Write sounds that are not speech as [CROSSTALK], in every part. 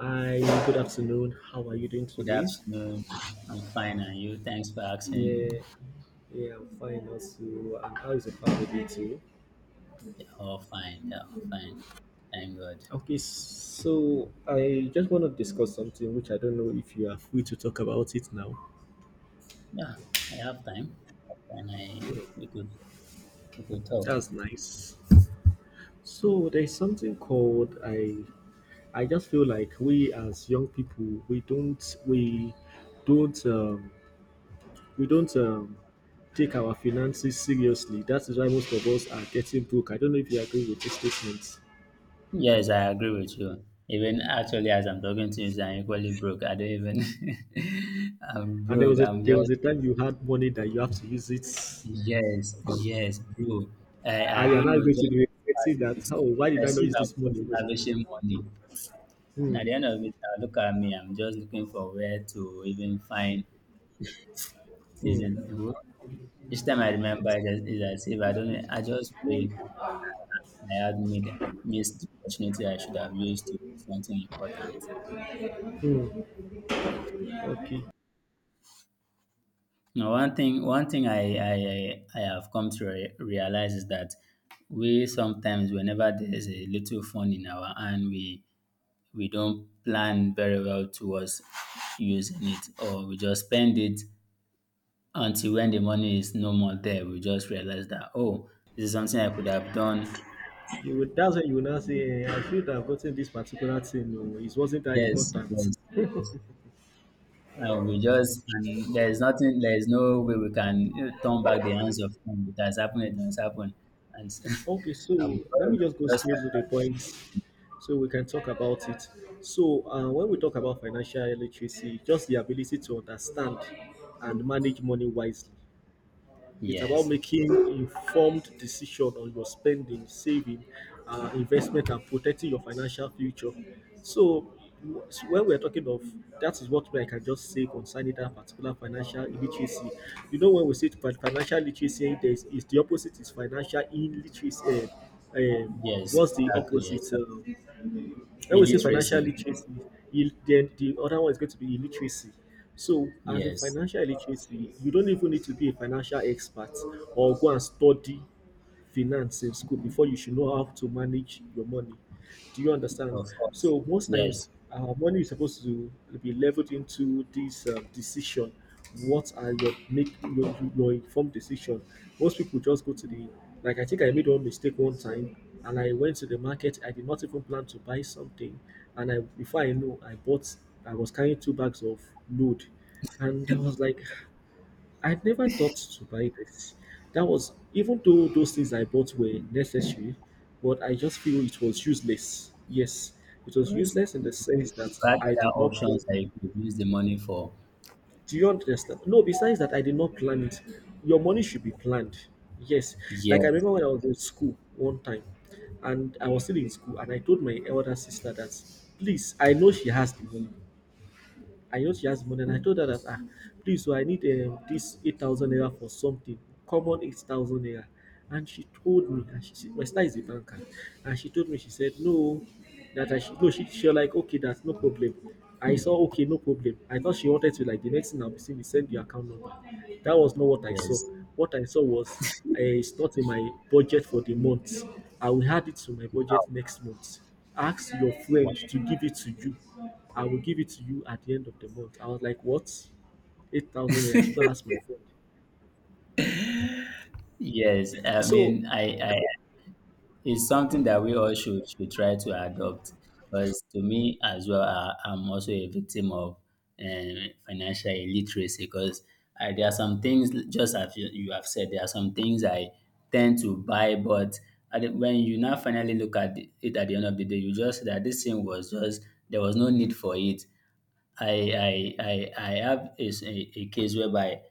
Hi, good afternoon. How are you doing Good today? afternoon. I'm fine, and you? Thanks for asking. Yeah, yeah, I'm fine also. And how is your family too? They're all fine. They're all fine. Thank God. Okay, so I just want to discuss something which I don't know if you are free to talk about it now. Yeah, I have time, and I Hmm. we could we could talk. That's nice. So there's something called I just feel like we as young people we don't we don't take our finances seriously. That is why most of us are getting broke. I don't know if you agree with this statement. Yes, I agree with you. Even actually, as I'm talking to you, I'm equally broke. I don't even. [LAUGHS] I'm And there broke. was a I'm there just was a time you had money that you have to use it, yes, yes, bro. I and you're don't not know. going to Just be past regretting that. weeks, Oh, why it's did I as not if use I'm this just money? lavishing money. And at Hmm. the end of it, I look at me. I'm just looking for where to even find Hmm. season. Well, each time I remember it is as if I don't I just pray I had made missed the opportunity I should have used to do something important. Hmm. Okay. Now one thing I have come to realize is that we sometimes whenever there is a little fun in our hand we don't plan very well towards using it, or we just spend it until when the money is no more there we just realize that, oh, this is something I could have done. You would, that's when you will now say, eh, I feel I've gotten this particular thing. No, it wasn't that Yes, important. yes, yes. We just and there is nothing. There is no way we can, you know, turn back the hands of time. It has happened. It has happened, and Okay, so [LAUGHS] and before let you me know, just go we just straight find to the ourselves. point so we can talk about it. So, when we talk about financial literacy, just the ability to understand and manage money wisely. It's about Yes, making informed decision on your spending, saving, investment, and protecting your financial future. So, so when we're talking of, that is what I can just say concerning that particular financial literacy. You know, when we say financial literacy, there's, is the opposite is financial illiteracy. Um, um, yes, what's the exactly. Yes, opposite? When we say financial illiteracy. literacy, then the other one is going to be illiteracy. So, as a Yes, financial literacy, you don't even need to be a financial expert or go and study finance in school before you should know how to manage your money. Do you understand? of course. So most times, Yes, money is supposed to be leveled into this decision. What are your make your informed decision? Most people just go to the like. I think I made one mistake one time, and I went to the market. I did not even plan to buy something, and I before I know, I bought. I was carrying two bags of load, and I was like, I never thought to buy this. That was even though those things I bought were necessary, but I just feel it was useless. Yes, it of was course. useless in the You sense that could have I other did not plan. options that you could use the money for. Do you understand? No, besides that, I did not plan it. Your money should be planned. Yes, like I Yes, remember when I was in school one time, and I was still in school, and I told my elder sister that, please, I know she has the money, I just she asked money and I told her that ah, please, so I need this 8,000 naira for something, common 8,000 naira. And she told me, and she said my star is a banker, and she told me, she said no, that I should no, she was like, okay, that's no problem. I saw okay, no problem. I thought she wanted to like, the next thing I'll be seeing is send your account number. That was not what I saw. yes. What I saw was, it's not in my budget for the month, I will add it to my budget next month. Ask your Wow. friend to give it to you. I will give it to you at the end of the month. I was like, what? 8,000 naira. I should go and ask my friend. Yes, I So, mean, it's something that we all should try to adopt. Because to me as well, I'm also a victim of um, financial illiteracy. Because I, there are some things, just as you have said, there are some things I tend to buy, but at when you now finally look at it at the end of the day, you just that this thing was just there was no need for it. I have a case whereby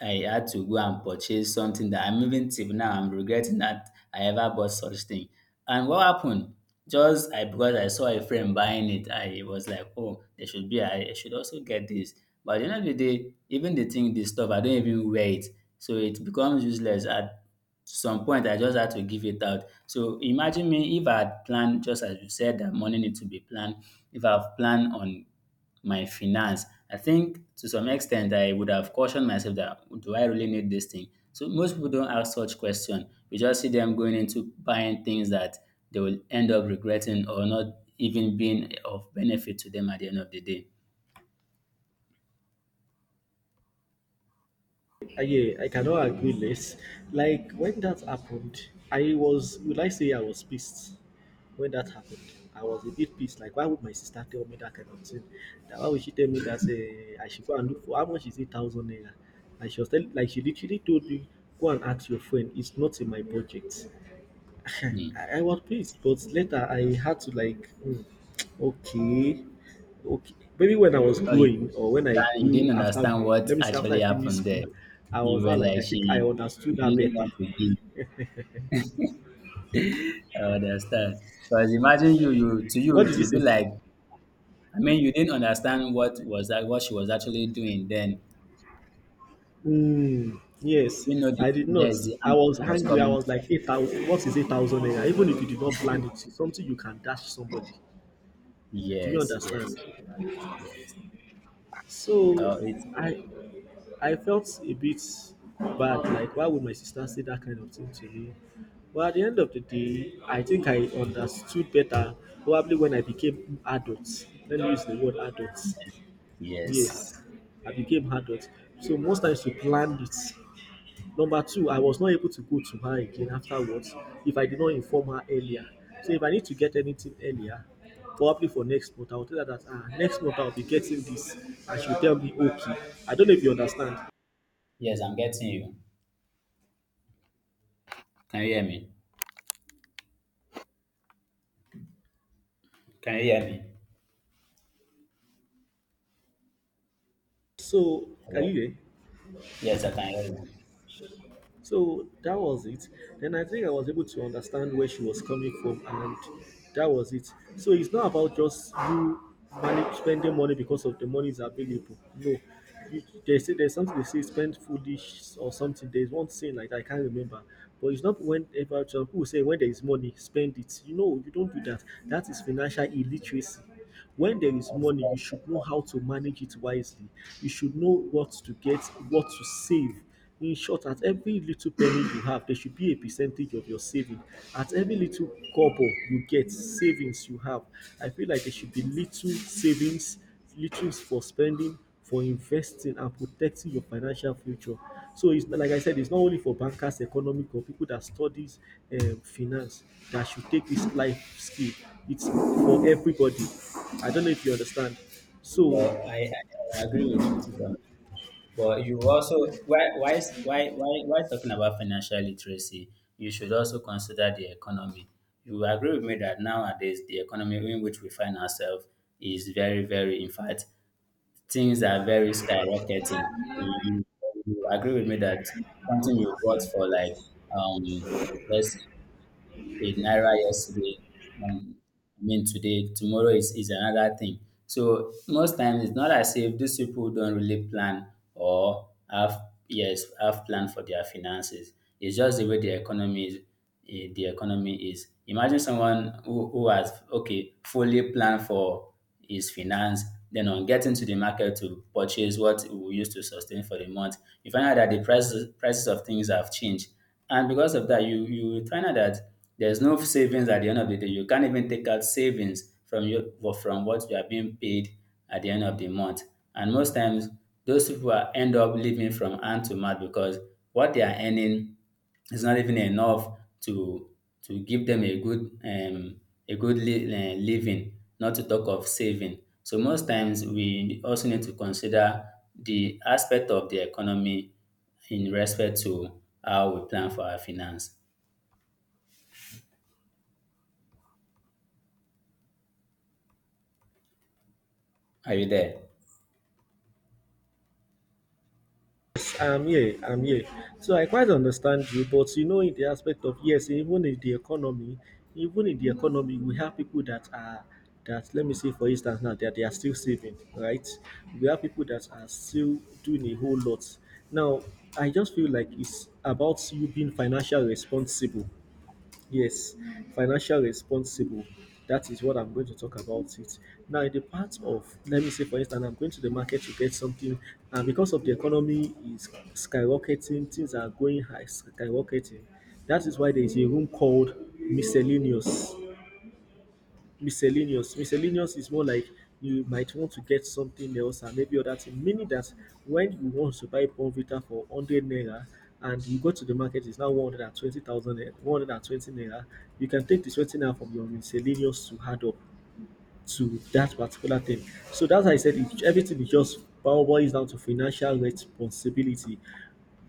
I had to go and purchase something that I'm even till now I'm regretting that I ever bought such thing. And what happened? Just I because I saw a friend buying it, I was like, oh, there should be, I should also get this. But at the end of the day, even the thing, this stuff, I don't even wear it. So it becomes useless. At some point, I just had to give it out, so imagine me, if I had planned, just as you said, that money needs to be planned. If I've planned on my finance, I think to some extent I would have cautioned myself that, do I really need this thing? So most people don't ask such question. We just see them going into buying things that they will end up regretting or not even being of benefit to them at the end of the day. Yeah, I cannot agree less. Like, when that happened, I was, would I say I was pissed when that happened. I was a bit pissed. Like, why would my sister tell me that kind of thing? That why would she tell me that I should go and look for how much is 8,000 naira? And she was telling, like, she literally told me, go and ask your friend. It's not in my budget. Hmm. I was pleased, but later I had to like, hmm, okay, okay. Maybe when I was Or you, growing or when I you didn't grew after, understand what let me say after I actually finished happened school, there. I You was not, were like, like I think I she understood that didn't better. want to give. I understand. Because imagine you, you to you, What it did you would be say? like, I mean, you didn't understand what was that, what she was actually doing then. Hmm, yes, You know, the, I did not. yes, the I angle was she was angry. I coming was from. like, 8,000. What is 8,000 naira? Even if you did not plan it, it's something you can dash somebody. Do you Yes, yes. understand? So No, it I I felt a bit bad, like why would my sister say that kind of thing to me? But at the end of the day, I think I understood better probably when I became adult. Let me use the word adult. is. Yes. Yes, I became adult. So most times we planned it. Number two, I was not able to go to her again afterwards if I did not inform her earlier. So if I need to get anything earlier, probably for next month, I will tell her that ah, next month I'll be getting this, and she'll tell me okay. I don't know if you understand. Yes, I'm getting you. Can you hear me? Can you hear me? So, are Hello. you here? Yes, I can hear you. So that was it. Then I think I was able to understand where she was coming from, and that was it. So it's not about just you manage spending money because of the money is available. No, you- they say there's something, they say spend foolish or something. There's one saying like that, I can't remember, but it's not, whenever some people say when there is money, spend it. You know, you don't do that. That is financial illiteracy. When there is Of money, you course. should know how to manage it wisely. You should know what to get, what to save, in short, at every little penny you have, there should be a percentage of your saving. At every little kobo you get, savings you have, I feel like there should be little savings, little for spending, for investing, and protecting your financial future. So it's like I said, it's not only for bankers, economic, or people that studies finance that should take this life skill. It's for everybody. I don't know if you understand. So Well, I agree with you, Tito. But you also, why is- why talking about financial literacy? You should also consider the economy. You will agree with me that nowadays the economy in which we find ourselves is very in fact things are very skyrocketing. You agree with me that something you bought for, like, um let's, a naira yesterday, um, I mean today, tomorrow is another thing. So most times it's not as if these people don't really plan or have, yes, have plan for their finances. It's just the way the economy is, the economy is. Imagine someone who has okay fully planned for is finance. Then on getting to the market to purchase what we use to sustain for the month, you find out that the prices of things have changed. And because of that, you find out that there's no savings at the end of the day. You can't even take out savings from your from what you are being paid at the end of the month. And most times those people are end up living from hand to mouth because what they are earning it's not even enough to to give them a good living, not to talk of saving. So most times we also need to consider the aspect of the economy in respect to how we plan for our finance. Are you there? yes, I'm here. I'm here. So I quite understand you, but you know, in the aspect of yes, even in the economy, we have people that are, that let me say for instance now that they are still saving, right? We have people that are still doing a whole lot. Now, I just feel like it's about you being financially responsible. Yes, financial responsible. That is what I'm going to talk about it. Now, in the part of, let me say, for instance, I'm going to the market to get something, and because of the economy is skyrocketing, things are going high, skyrocketing. That is why there is a room called miscellaneous miscellaneous. Miscellaneous is more like you might want to get something else and maybe other thing. Meaning that when you want to buy Bonvita for 100 naira and you go to the market, it's now 120,000, 120 naira. You can take the 20 naira from your miscellaneous to add up to that particular thing. So that's how I said it, everything is just boils down to financial responsibility.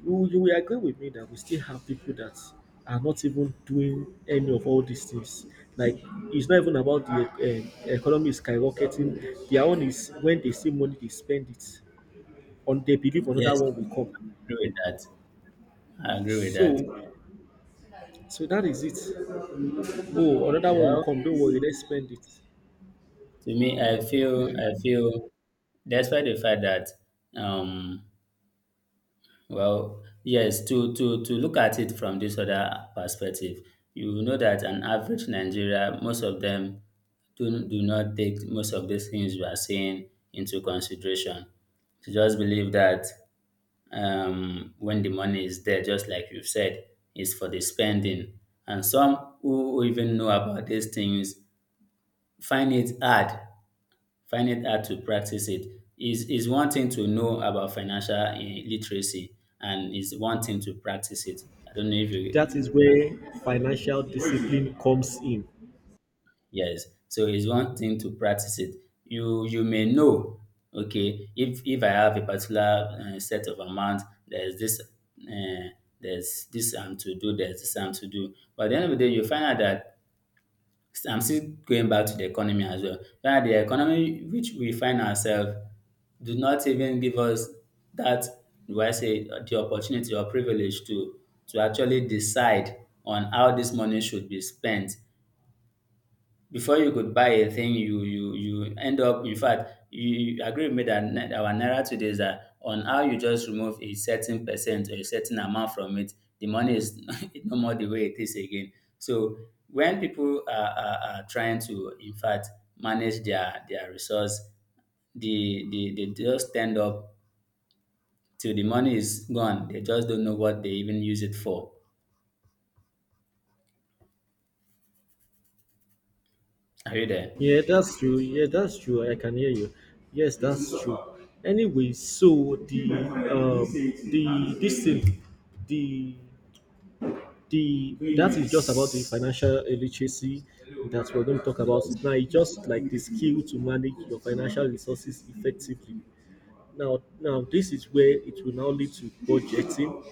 You will agree with me that we still have people that are not even doing any of all these things. Like, it's not even about the economy is skyrocketing. Their own is when they see money, they spend it. On they believe another Yes, one I will come. agree with that. I agree with that. So, so that is it. Oh, another one will Well, come. Don't worry, let's spend it. to me, I feel despite the fact that um, well, yes, to look at it from this other perspective, you know that an average Nigeria, most of them do not take most of these things you are saying into consideration. To just believe that when the money is there, just like you've said, is for the spending. And some who even know about these things find it hard find it hard to practice it. Is one thing to know about financial literacy and is one thing to practice it. I don't know if you That is agree. where financial discipline comes in. Yes. So it's one thing to practice it. You may know, okay, if I have a particular set of amount, there's this uh, there's this I'm to do. But at the end of the day, you find out that I'm still going back to the economy as well. Now, the economy which we find ourselves do not even give us that, do I say, the opportunity or privilege to actually decide on how this money should be spent. Before you could buy a thing, you end up. In fact, you agree with me that our naira today is that on how you just remove a certain percent or a certain amount from it, the money is [LAUGHS] no more the way it is again. So when people are trying to, in fact, manage their resource, the they just stand up till the money is gone. They just don't know what they even use it for. Are you there? Yeah, that's true. Yeah, that's true. I can hear you. Yes, that's true. Anyway, so the this thing the the that is just about the financial literacy that we're going to talk about Yes. now. It's just like the skill to manage your financial resources effectively. Now, now this is where it will now lead to budgeting,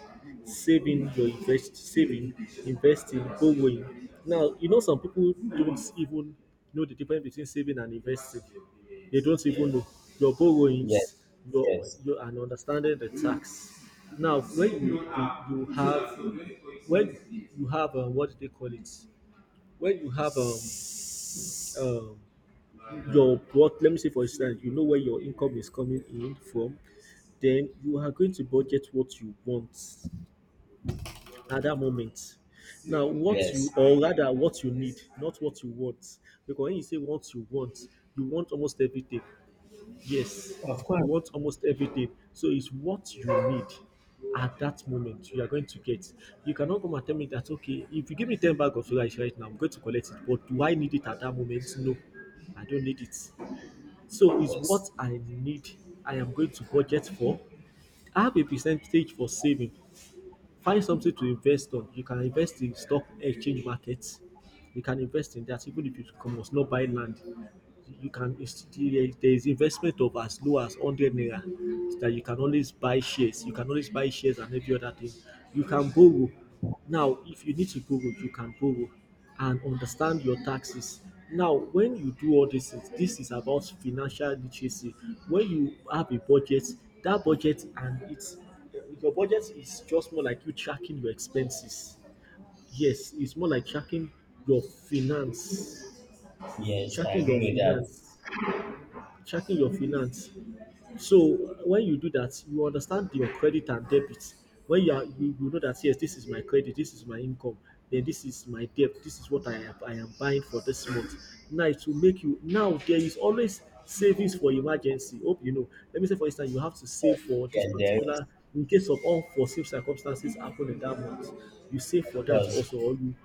saving, investing, borrowing. Now, you know some people don't even know the difference between saving and investing. They don't even know your borrowings, Yes. your Yes. your, and understanding the tax. Now, when you have when you have what do they call it? When you have um your, what, let me say for instance you know where your income is coming in from, then you are going to budget what you want at that moment. Now what you, Yes. or rather what you need, not what you want, because when you say what you want, you want almost everything. Yes, you want almost everything. So it's what you need at that moment you are going to get. You cannot come and tell me that okay if you give me 10 bag of rice right now I'm going to collect it, but do I need it at that moment? No, I don't need it. So it's Yes. what I need. I am going to budget for. I have a percentage for saving. Find something to invest on. You can invest in stock exchange markets. You can invest in that even if you must not buy land, you can, there is investment of as low as 100 naira, that you can always buy shares. And every other thing, you can borrow. Now if you need to borrow, you can borrow. And understand your taxes. Now when you do all these things, this is about financial literacy. When you have a budget, that budget and it's your budget is just more like you tracking your expenses. Yes, it's more like your finance Yes, I tracking your agree with that. finance Checking your finance. So when you do that, you understand your credit and debit. When you are, You know that yes, this is my credit, this is my income, then this is my debt, this is what I am buying for this month. Now it will make you. Now there is always savings for emergency. Hope you know. Let me say, for instance, you have to save Yes, for this yes, there is. particular in case of unforeseen circumstances happen in that month. You save for that Because, also, or you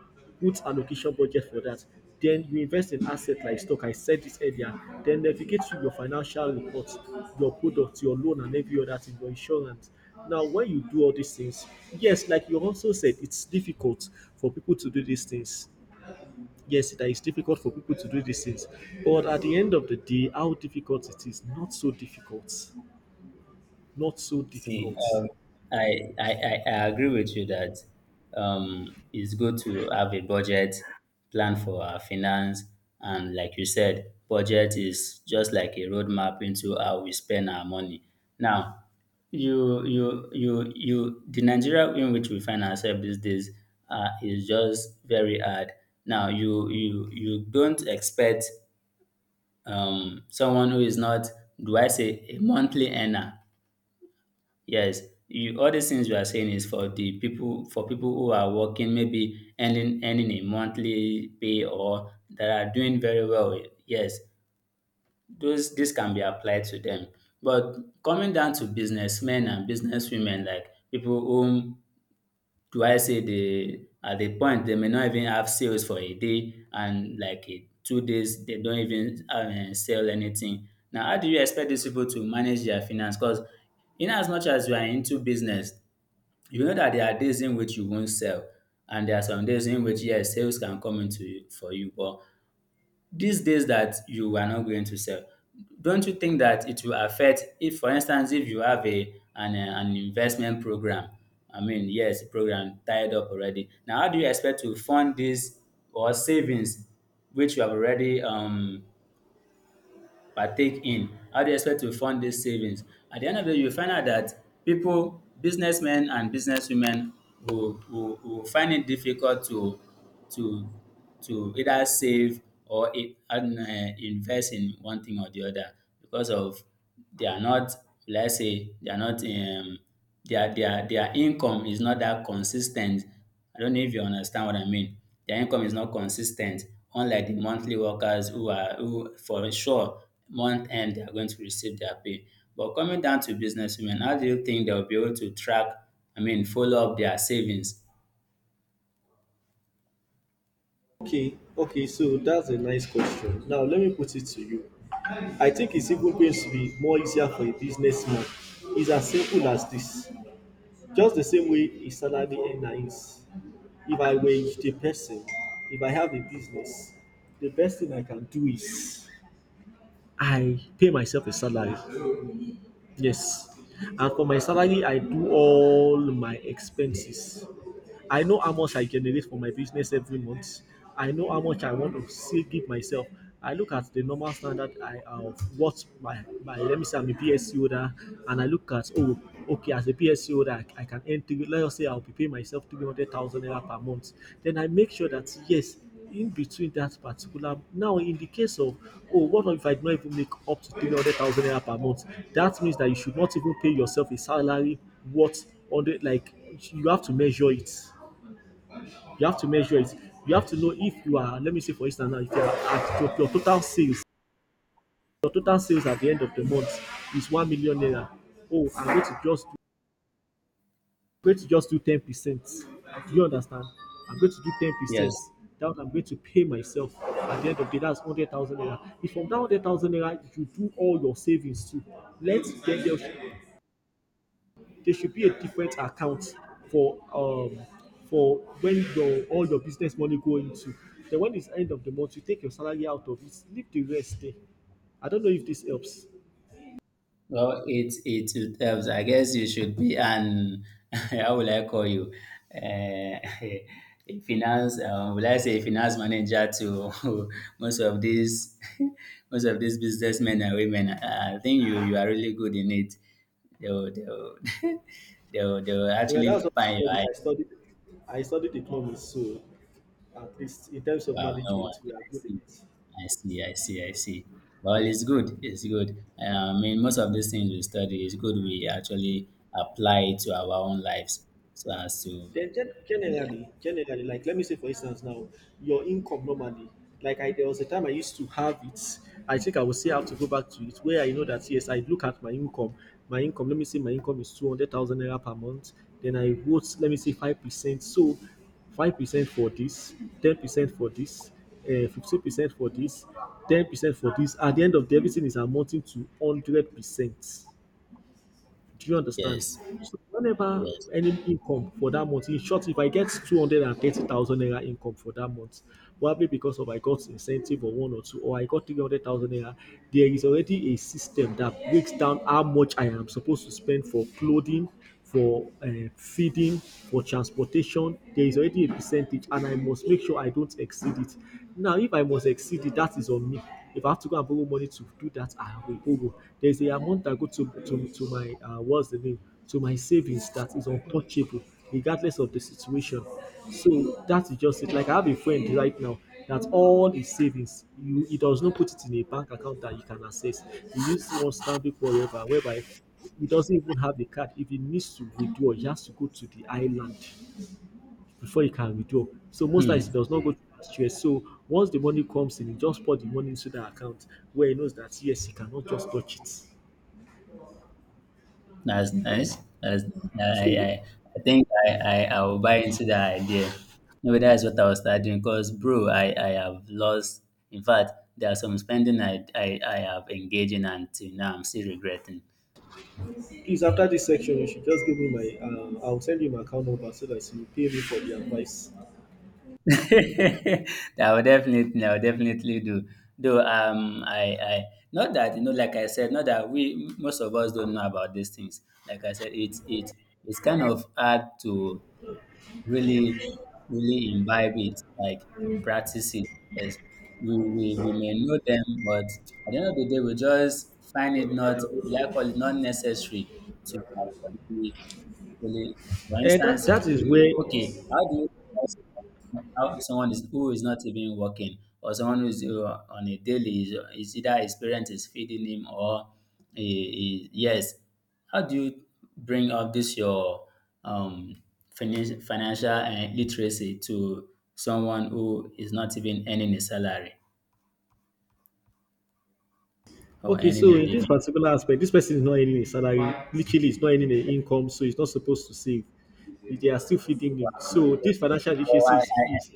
put allocation budget for that. Then you invest in asset like stock. I said this earlier. Then navigate through your financial reports, your products, your loan, and every other thing, your insurance. Now when you do all these things, yes, like you also said, it's difficult for people to do these things. Yes, that is difficult for people to do these things. But at the end of the day, how difficult it is, not so difficult. Not so see, difficult. I, I agree with you that it's good to have a budget plan for our finance, and like you said, budget is just like a roadmap into how we spend our money. Now, you the Nigeria in which we find ourselves these days is just very hard. Now you don't expect someone who is not, do I say, a monthly earner. Yes, you, all these things you are saying is for the people, for people who are working, maybe earning a monthly pay or that are doing very well. Yes, those this can be applied to them. But coming down to businessmen and businesswomen, like people whom, do I say, they at the point they may not even have sales for a day and like a 2 days they don't even sell anything. Now, how do you expect these people to manage their finance? Because in as much as you are into business, you know that there are days in which you won't sell, and there are some days in which, yes, sales can come into for you, but these days that you are not going to sell, don't you think that it will affect if, for instance, if you have a an investment program? I mean, yes, program tied up already. Now, how do you expect to fund this or savings which you have already partake in? How do you expect to fund these savings? At the end of the day, you find out that people, businessmen and businesswomen will find it difficult to to to either save or invest in one thing or the other because of they are not, let's say they are not their income is not that consistent. I don't know if you understand what I mean. Their income is not consistent, unlike the monthly workers who are who for sure month end they are going to receive their pay. But coming down to business women, how do you think they will be able to track, I mean follow up their savings? Okay, okay, so that's a nice question. Now let me put it to you. I think it's even going to be more easier for a businessman. It's as simple as this. Just the same way a salary earner is. If I were the person, if I have a business, the best thing I can do is I pay myself a salary. Yes. And for my salary, I do all my expenses. I know how much I generate for my business every month. I know how much I want to say give myself. I look at the normal standard, I of what my let me say I'm a PSC holder. And I look at, oh, okay, as a PSC holder, I can earn three, let's say I'll be paying myself 300,000 naira per month. Then I make sure that yes, in between that particular, now in the case of, oh, what if I do not even make up to 300,000 naira per month, that means that you should not even pay yourself a salary worth 100, like, you have to measure it. You have to measure it. You have to know if you are, let me say for instance now, if you are at your total sales, your total sales at the end of the month is 1 million naira. Oh, I'm going to just do, going to just do 10%. Do you understand? I'm going to do 10%. Yes. That I'm going to pay myself at the end of the day. That's 100,000 naira. If from that 100,000 naira, you do all your savings too. Let, then there should be a different account for um for when your, all your business money go into. Then when it's end of the month, you take your salary out of it, leave the rest there. I don't know if this helps. Well, it helps. I guess you should be an [LAUGHS] how will I call you? Uh, [LAUGHS] a finance will I say a finance manager to [LAUGHS] most of these [LAUGHS] most of these businessmen and women. I think you are really good in it. They'll [LAUGHS] they'll Well, actually that's what I find your studied. eye. I studied, economics, so at least in terms of Wow, no one. management, we are I good see. at it. I see, I see, I see. Well, it's good. It's good. I mean, most of these things we study, it's good we actually apply it to our own lives. So as to Then generally, like let me say for instance now, your income normally, like, I, there was a time I used to have it. I think I will say I have to go back to it where I know that yes, I look at my income. My income, let me say my income is 200,000 naira per month. Then I vote, let me say 5%. So 5% for this, 10% for this, 15% for this, 10% for this. At the end of the everything is amounting to 100%, do you understand? yes, So whenever yes. any income for that month, in short, if I get 230,000 naira income for that month, probably because of I got incentive or one or two, or I got 300,000 naira, there is already a system that breaks down how much I am supposed to spend for clothing, for feeding, for transportation. There is already a percentage, and I must make sure I don't exceed it. Now, if I must exceed it, that is on me. If I have to go and borrow money to do that, I will borrow. There is a amount that go to my what's the name, to my savings that is untouchable, regardless of the situation. So that is just it. Like I have a friend right now that all his savings, he does not put it in a bank account that you can access. He uses one Stanbic forever, whereby he doesn't even have the card. If he needs to withdraw, he has to go to the island before he can withdraw. So most times Hmm, he does not go to Nigeria. So once the money comes in, he just put the money into that account where he knows that yes, he cannot just touch it. that's nice. That's nice. So I think I will buy into that idea. Maybe that's what I was studying. Because bro, I have lost. In fact, there are some spending I have engaged in until now. I'm still regretting. please, after this section, you should just give me my. I'll send you my account number so that you pay me for the advice. [LAUGHS] I I will definitely do. Though I not that like I said, not that we most of us don't know about these things. Like I said, it's it's kind of hard to really really imbibe it, like practice it. Yes. We may know them, but at the end of the day, we just find it not, we like call it not necessary to actually, actually for And that instance, that is where. okay, how do you tell how someone is who is not even working or someone who is on a daily is either his parent is feeding him or yes, how do you bring up this your um, financial literacy to someone who is not even earning a salary or Okay, earning so a in this living? particular aspect, this person is not earning a salary. Literally, it's not earning an income, so it's not supposed to save. They are still feeding him. So this So, financial well, literacy is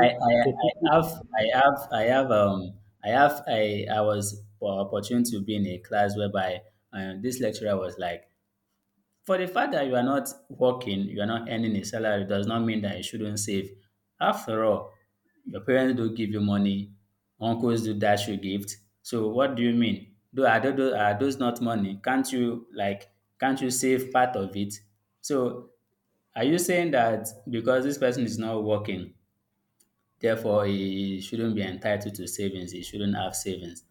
for people. I have I was opportunity to be in a class whereby this lecturer was like, for the fact that you are not working, you are not earning a salary does not mean that you shouldn't save. After all, your parents do give you money, uncles do dash you gift. So what do you mean? Though are those not money? Can't you save part of it? So are you saying that because this person is not working, therefore he shouldn't be entitled to savings, he shouldn't have savings?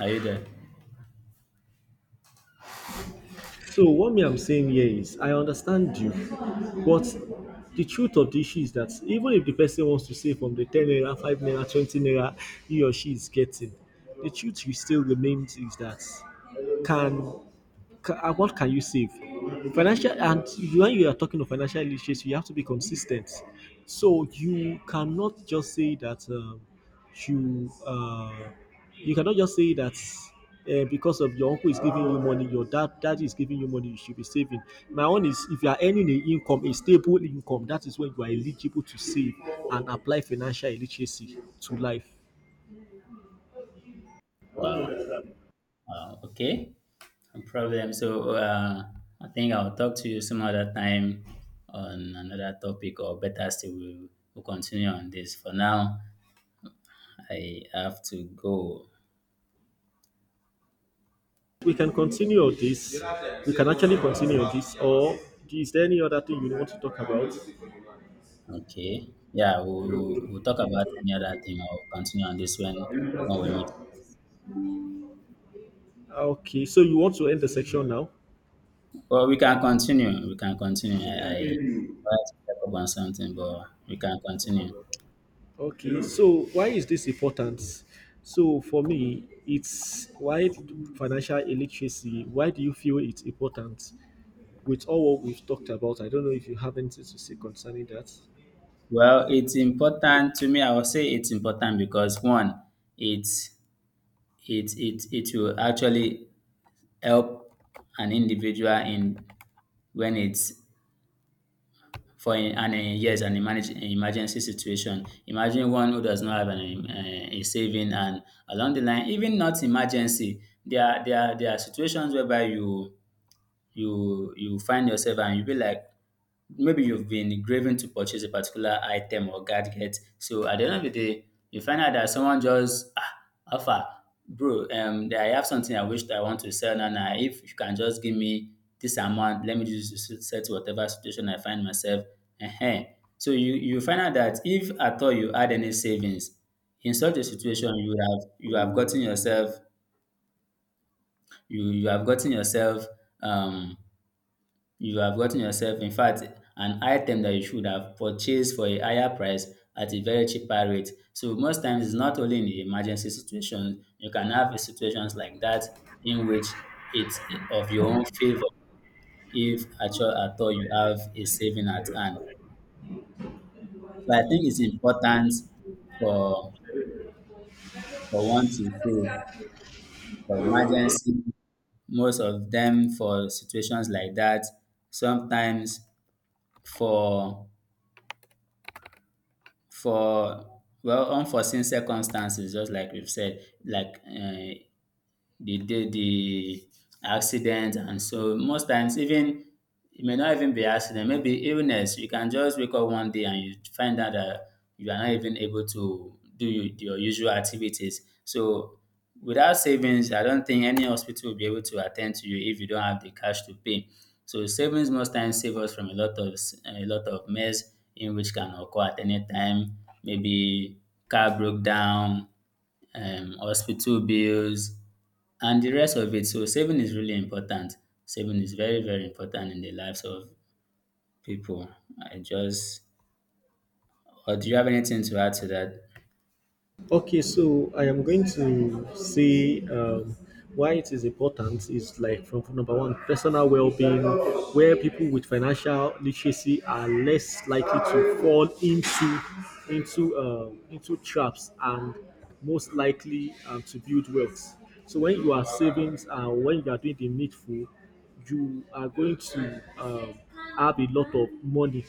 Are you there? So what me I'm saying here is, I understand you, but the truth of the issue is that even if the person wants to save from the 10 naira, 5 naira, 20 naira he or she is getting, the truth you still remains is that, can what can you save? When you are talking of financial literacy, you have to be consistent. So you cannot just say that you uh, you cannot just say that because of your uncle is giving you money, your daddy is giving you money, you should be saving. My own is if you are earning an income, a stable income, that is when you are eligible to save and apply financial literacy to life. Wow. Wow. Okay. No problem. So I think I'll talk to you some other time on another topic, or better still, we'll continue on this. For now, I have to go. We can continue this. We can actually continue this. Or is there any other thing you want to talk about? Okay. Yeah, we'll talk about any other thing or continue on this when we meet. Okay, so you want to end the section now? Well, we can continue. We can continue. I wanted to check up on something, but we can continue. Okay, so why is this important? So for me, it's why do financial illiteracy. Why do you feel it's important? With all what we've talked about, I don't know if you have anything to say concerning that. Well, it's important to me. I will say it's important because one, it it it will actually help an individual in when it's for an yes, an an emergency situation. Imagine one who does not have an, a saving, and along the line, even not emergency, there are situations whereby you find yourself and you be like maybe you've been craving to purchase a particular item or gadget. So at the end of the day, you find out that someone just ah alpha bro I have something I wish I want to sell now. Now if you can just give me this amount, let me just settle whatever situation I find myself. Uh So you find out that if at all you had any savings in such a situation, you have gotten yourself um you have gotten yourself, in fact, an item that you should have purchased for a higher price at a very cheaper rate. So most times it's not only in the emergency situation, you can have a situations like that in which it's of your own favor if at all, at all you have a saving at hand. So I think it's important for for one to save for emergency, most of them for situations like that, sometimes for for well unforeseen circumstances just like we've said, like the day the accident. And so most times, even it may not even be accident, maybe illness, you can just wake up one day and you find out that you are not even able to do your usual activities. So without savings I don't think any hospital will be able to attend to you if you don't have the cash to pay. So savings most times save us from a lot of a lot of mess in which can occur at any time, maybe car broke down, hospital bills and the rest of it. So saving is really important. Saving is very, very important in the lives of people. I just, or do you have anything to add to that? Okay, so I am going to say, why it is important is like from number one, personal well-being, where people with financial literacy are less likely to fall into traps and most likely, to build wealth. So when you are savings and when you are doing the needful, you are going to, have a lot of money.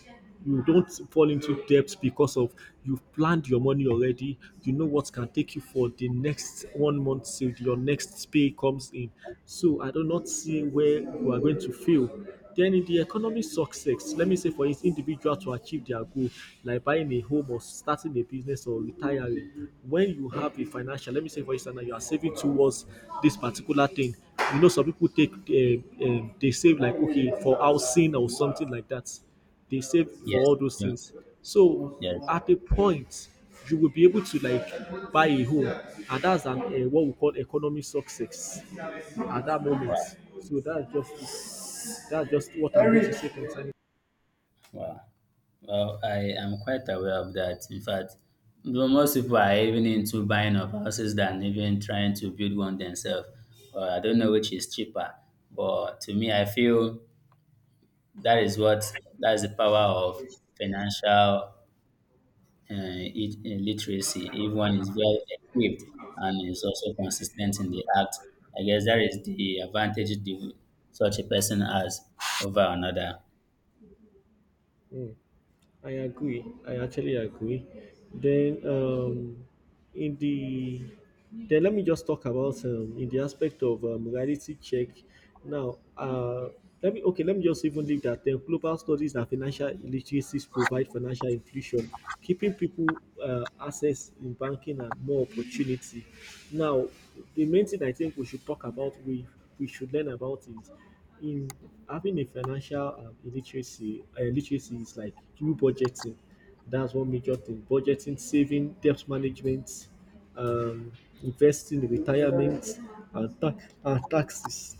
You don't fall into debt because of, you've planned your money already. You know what can take you for the next one month till your next pay comes in. So I do not see where you are going to fail. Then in the economic success, let me say for each individual to achieve their goal, like buying a home or starting a business or retiring, when you have a financial, let me say for instance, that you are saving towards this particular thing. You know, some people take, they save like, okay, for housing or something like that. They save for all Yes. those Yeah. things. So Yes. at a point, you will be able to like buy a home, and that's an what we call economic success at that moment. Wow. So that's just what I want to say concerning. Wow. Well, I am quite aware of that. In fact, though, most people are even into buying of houses than even trying to build one themselves. Well, I don't know which is cheaper, but to me, I feel that is what that is the power of financial uh, literacy. Everyone is well equipped and is also consistent in the act. I guess that is the advantage the, such a person has over another. Mm. I agree. I actually agree. Then, in the, then let me just talk about, in the aspect of, reality check. Now, let me, okay, let me just even leave that. Then, global studies and financial literacies provide financial inclusion, keeping people, access in banking and more opportunity. Now, the main thing I think we should talk about, we should learn about is in having a financial, illiteracy literacy is like through budgeting. That's one major thing: budgeting, saving, debt management, um, investing, retirement, and taxes.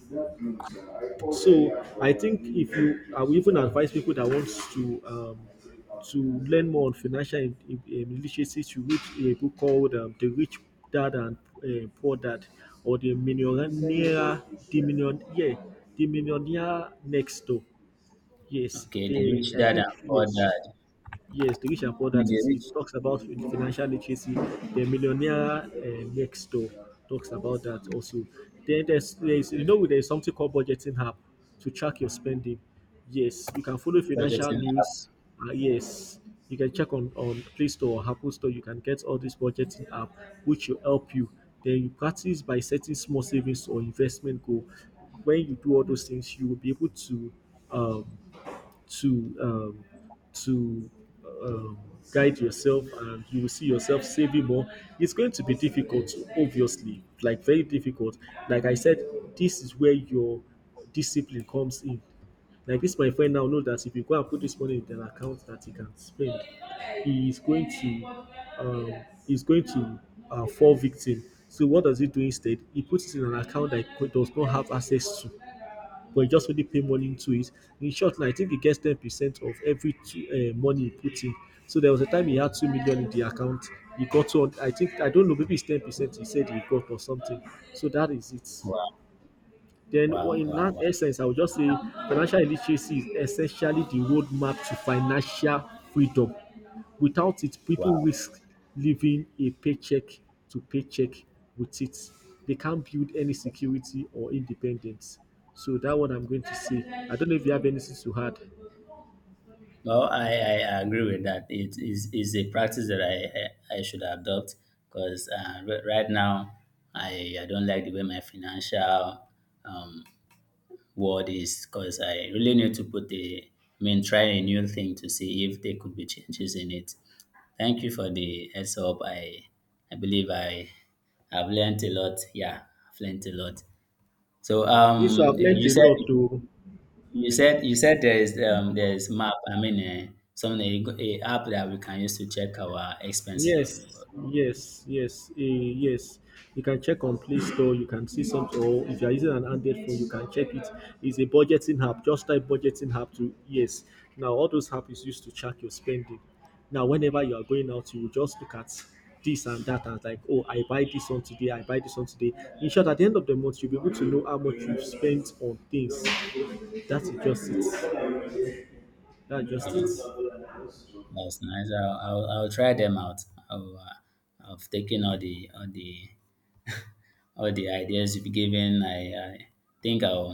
So I think if you, I would even advise people that wants to, to learn more on financial literacy, to read a book called, "The Rich Dad and Poor Dad," or "The Millionaire, the Million, yeah, the Millionaire Next Door." Yes, Okay, the they. rich I dad and think poor yes. dad. Yes, the rich and I poor. mean, That the is, rich it talks about financial literacy. The millionaire, next door talks about that also. Then there's you know there's something called budgeting app to track your spending. Yes, you can follow financial budgeting. news. Yes, you can check on Play Store or Apple Store. You can get all this budgeting app, which will help you. Then you practice by setting small savings or investment goal. When you do all those things, you will be able to. Um, to um, to um, guide yourself and you will see yourself saving more. It's going to be difficult, obviously, like very difficult. Like I said, this is where your discipline comes in. Like this, my friend now know that if you go and put this money in an account that he can spend, he is going to he's going to fall victim. So what does he do instead? He puts it in an account that he does not have access to, but he just only pay money into it. In short, now, I think he gets 10% of every two, money he puts in. So there was a time he had 2 million in the account. He got to, I think, I don't know, maybe it's 10% he said he got or something. So that is it. Wow, Then, well, wow, in wow, that wow, essence, I would just say financial literacy is essentially the roadmap to financial freedom. Without it, people wow. risk living a paycheck to paycheck. With it, they can't build any security or independence. So that what I'm going to say. I don't know if you have anything to add. Well, I agree with that. It is a practice that I should adopt because right now, I don't like the way my financial um, word is because I really need to put a, I mean, try a new thing to see if there could be changes in it. Thank you for the heads up. I believe I have learned a lot. Yeah, I've learned a lot. So Yes, so I've learned a lot. Too. You said there is map. I mean, some a app that we can use to check our expenses. So, Yes, yes, yes, yes. You can check on Play Store. You can see some. Or if you are using an Android phone, you can check it. It's a budgeting app. Just type budgeting app to, yes. Now all those apps is used to track your spending. Now whenever you are going out, you will just look at this and that and like, oh, I buy this one today. I buy this one today. In short, at the end of the month, you'll be able to know how much you've spent on things. That is just it. That's just okay, it. that's nice. I'll try them out. I'll, I've taken all the all the all the ideas you've given. I think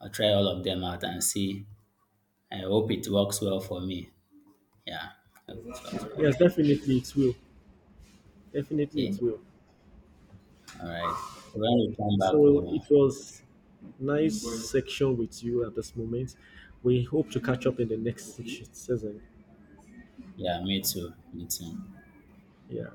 I'll try all of them out and see. I hope it works well for me. Yeah, I hope it works well. Yes, definitely it will. Definitely it Okay, will. all right. When we come back, So we'll, it was nice section with you at this moment. We hope to catch up in the next season. yeah, me too, me too. Yeah.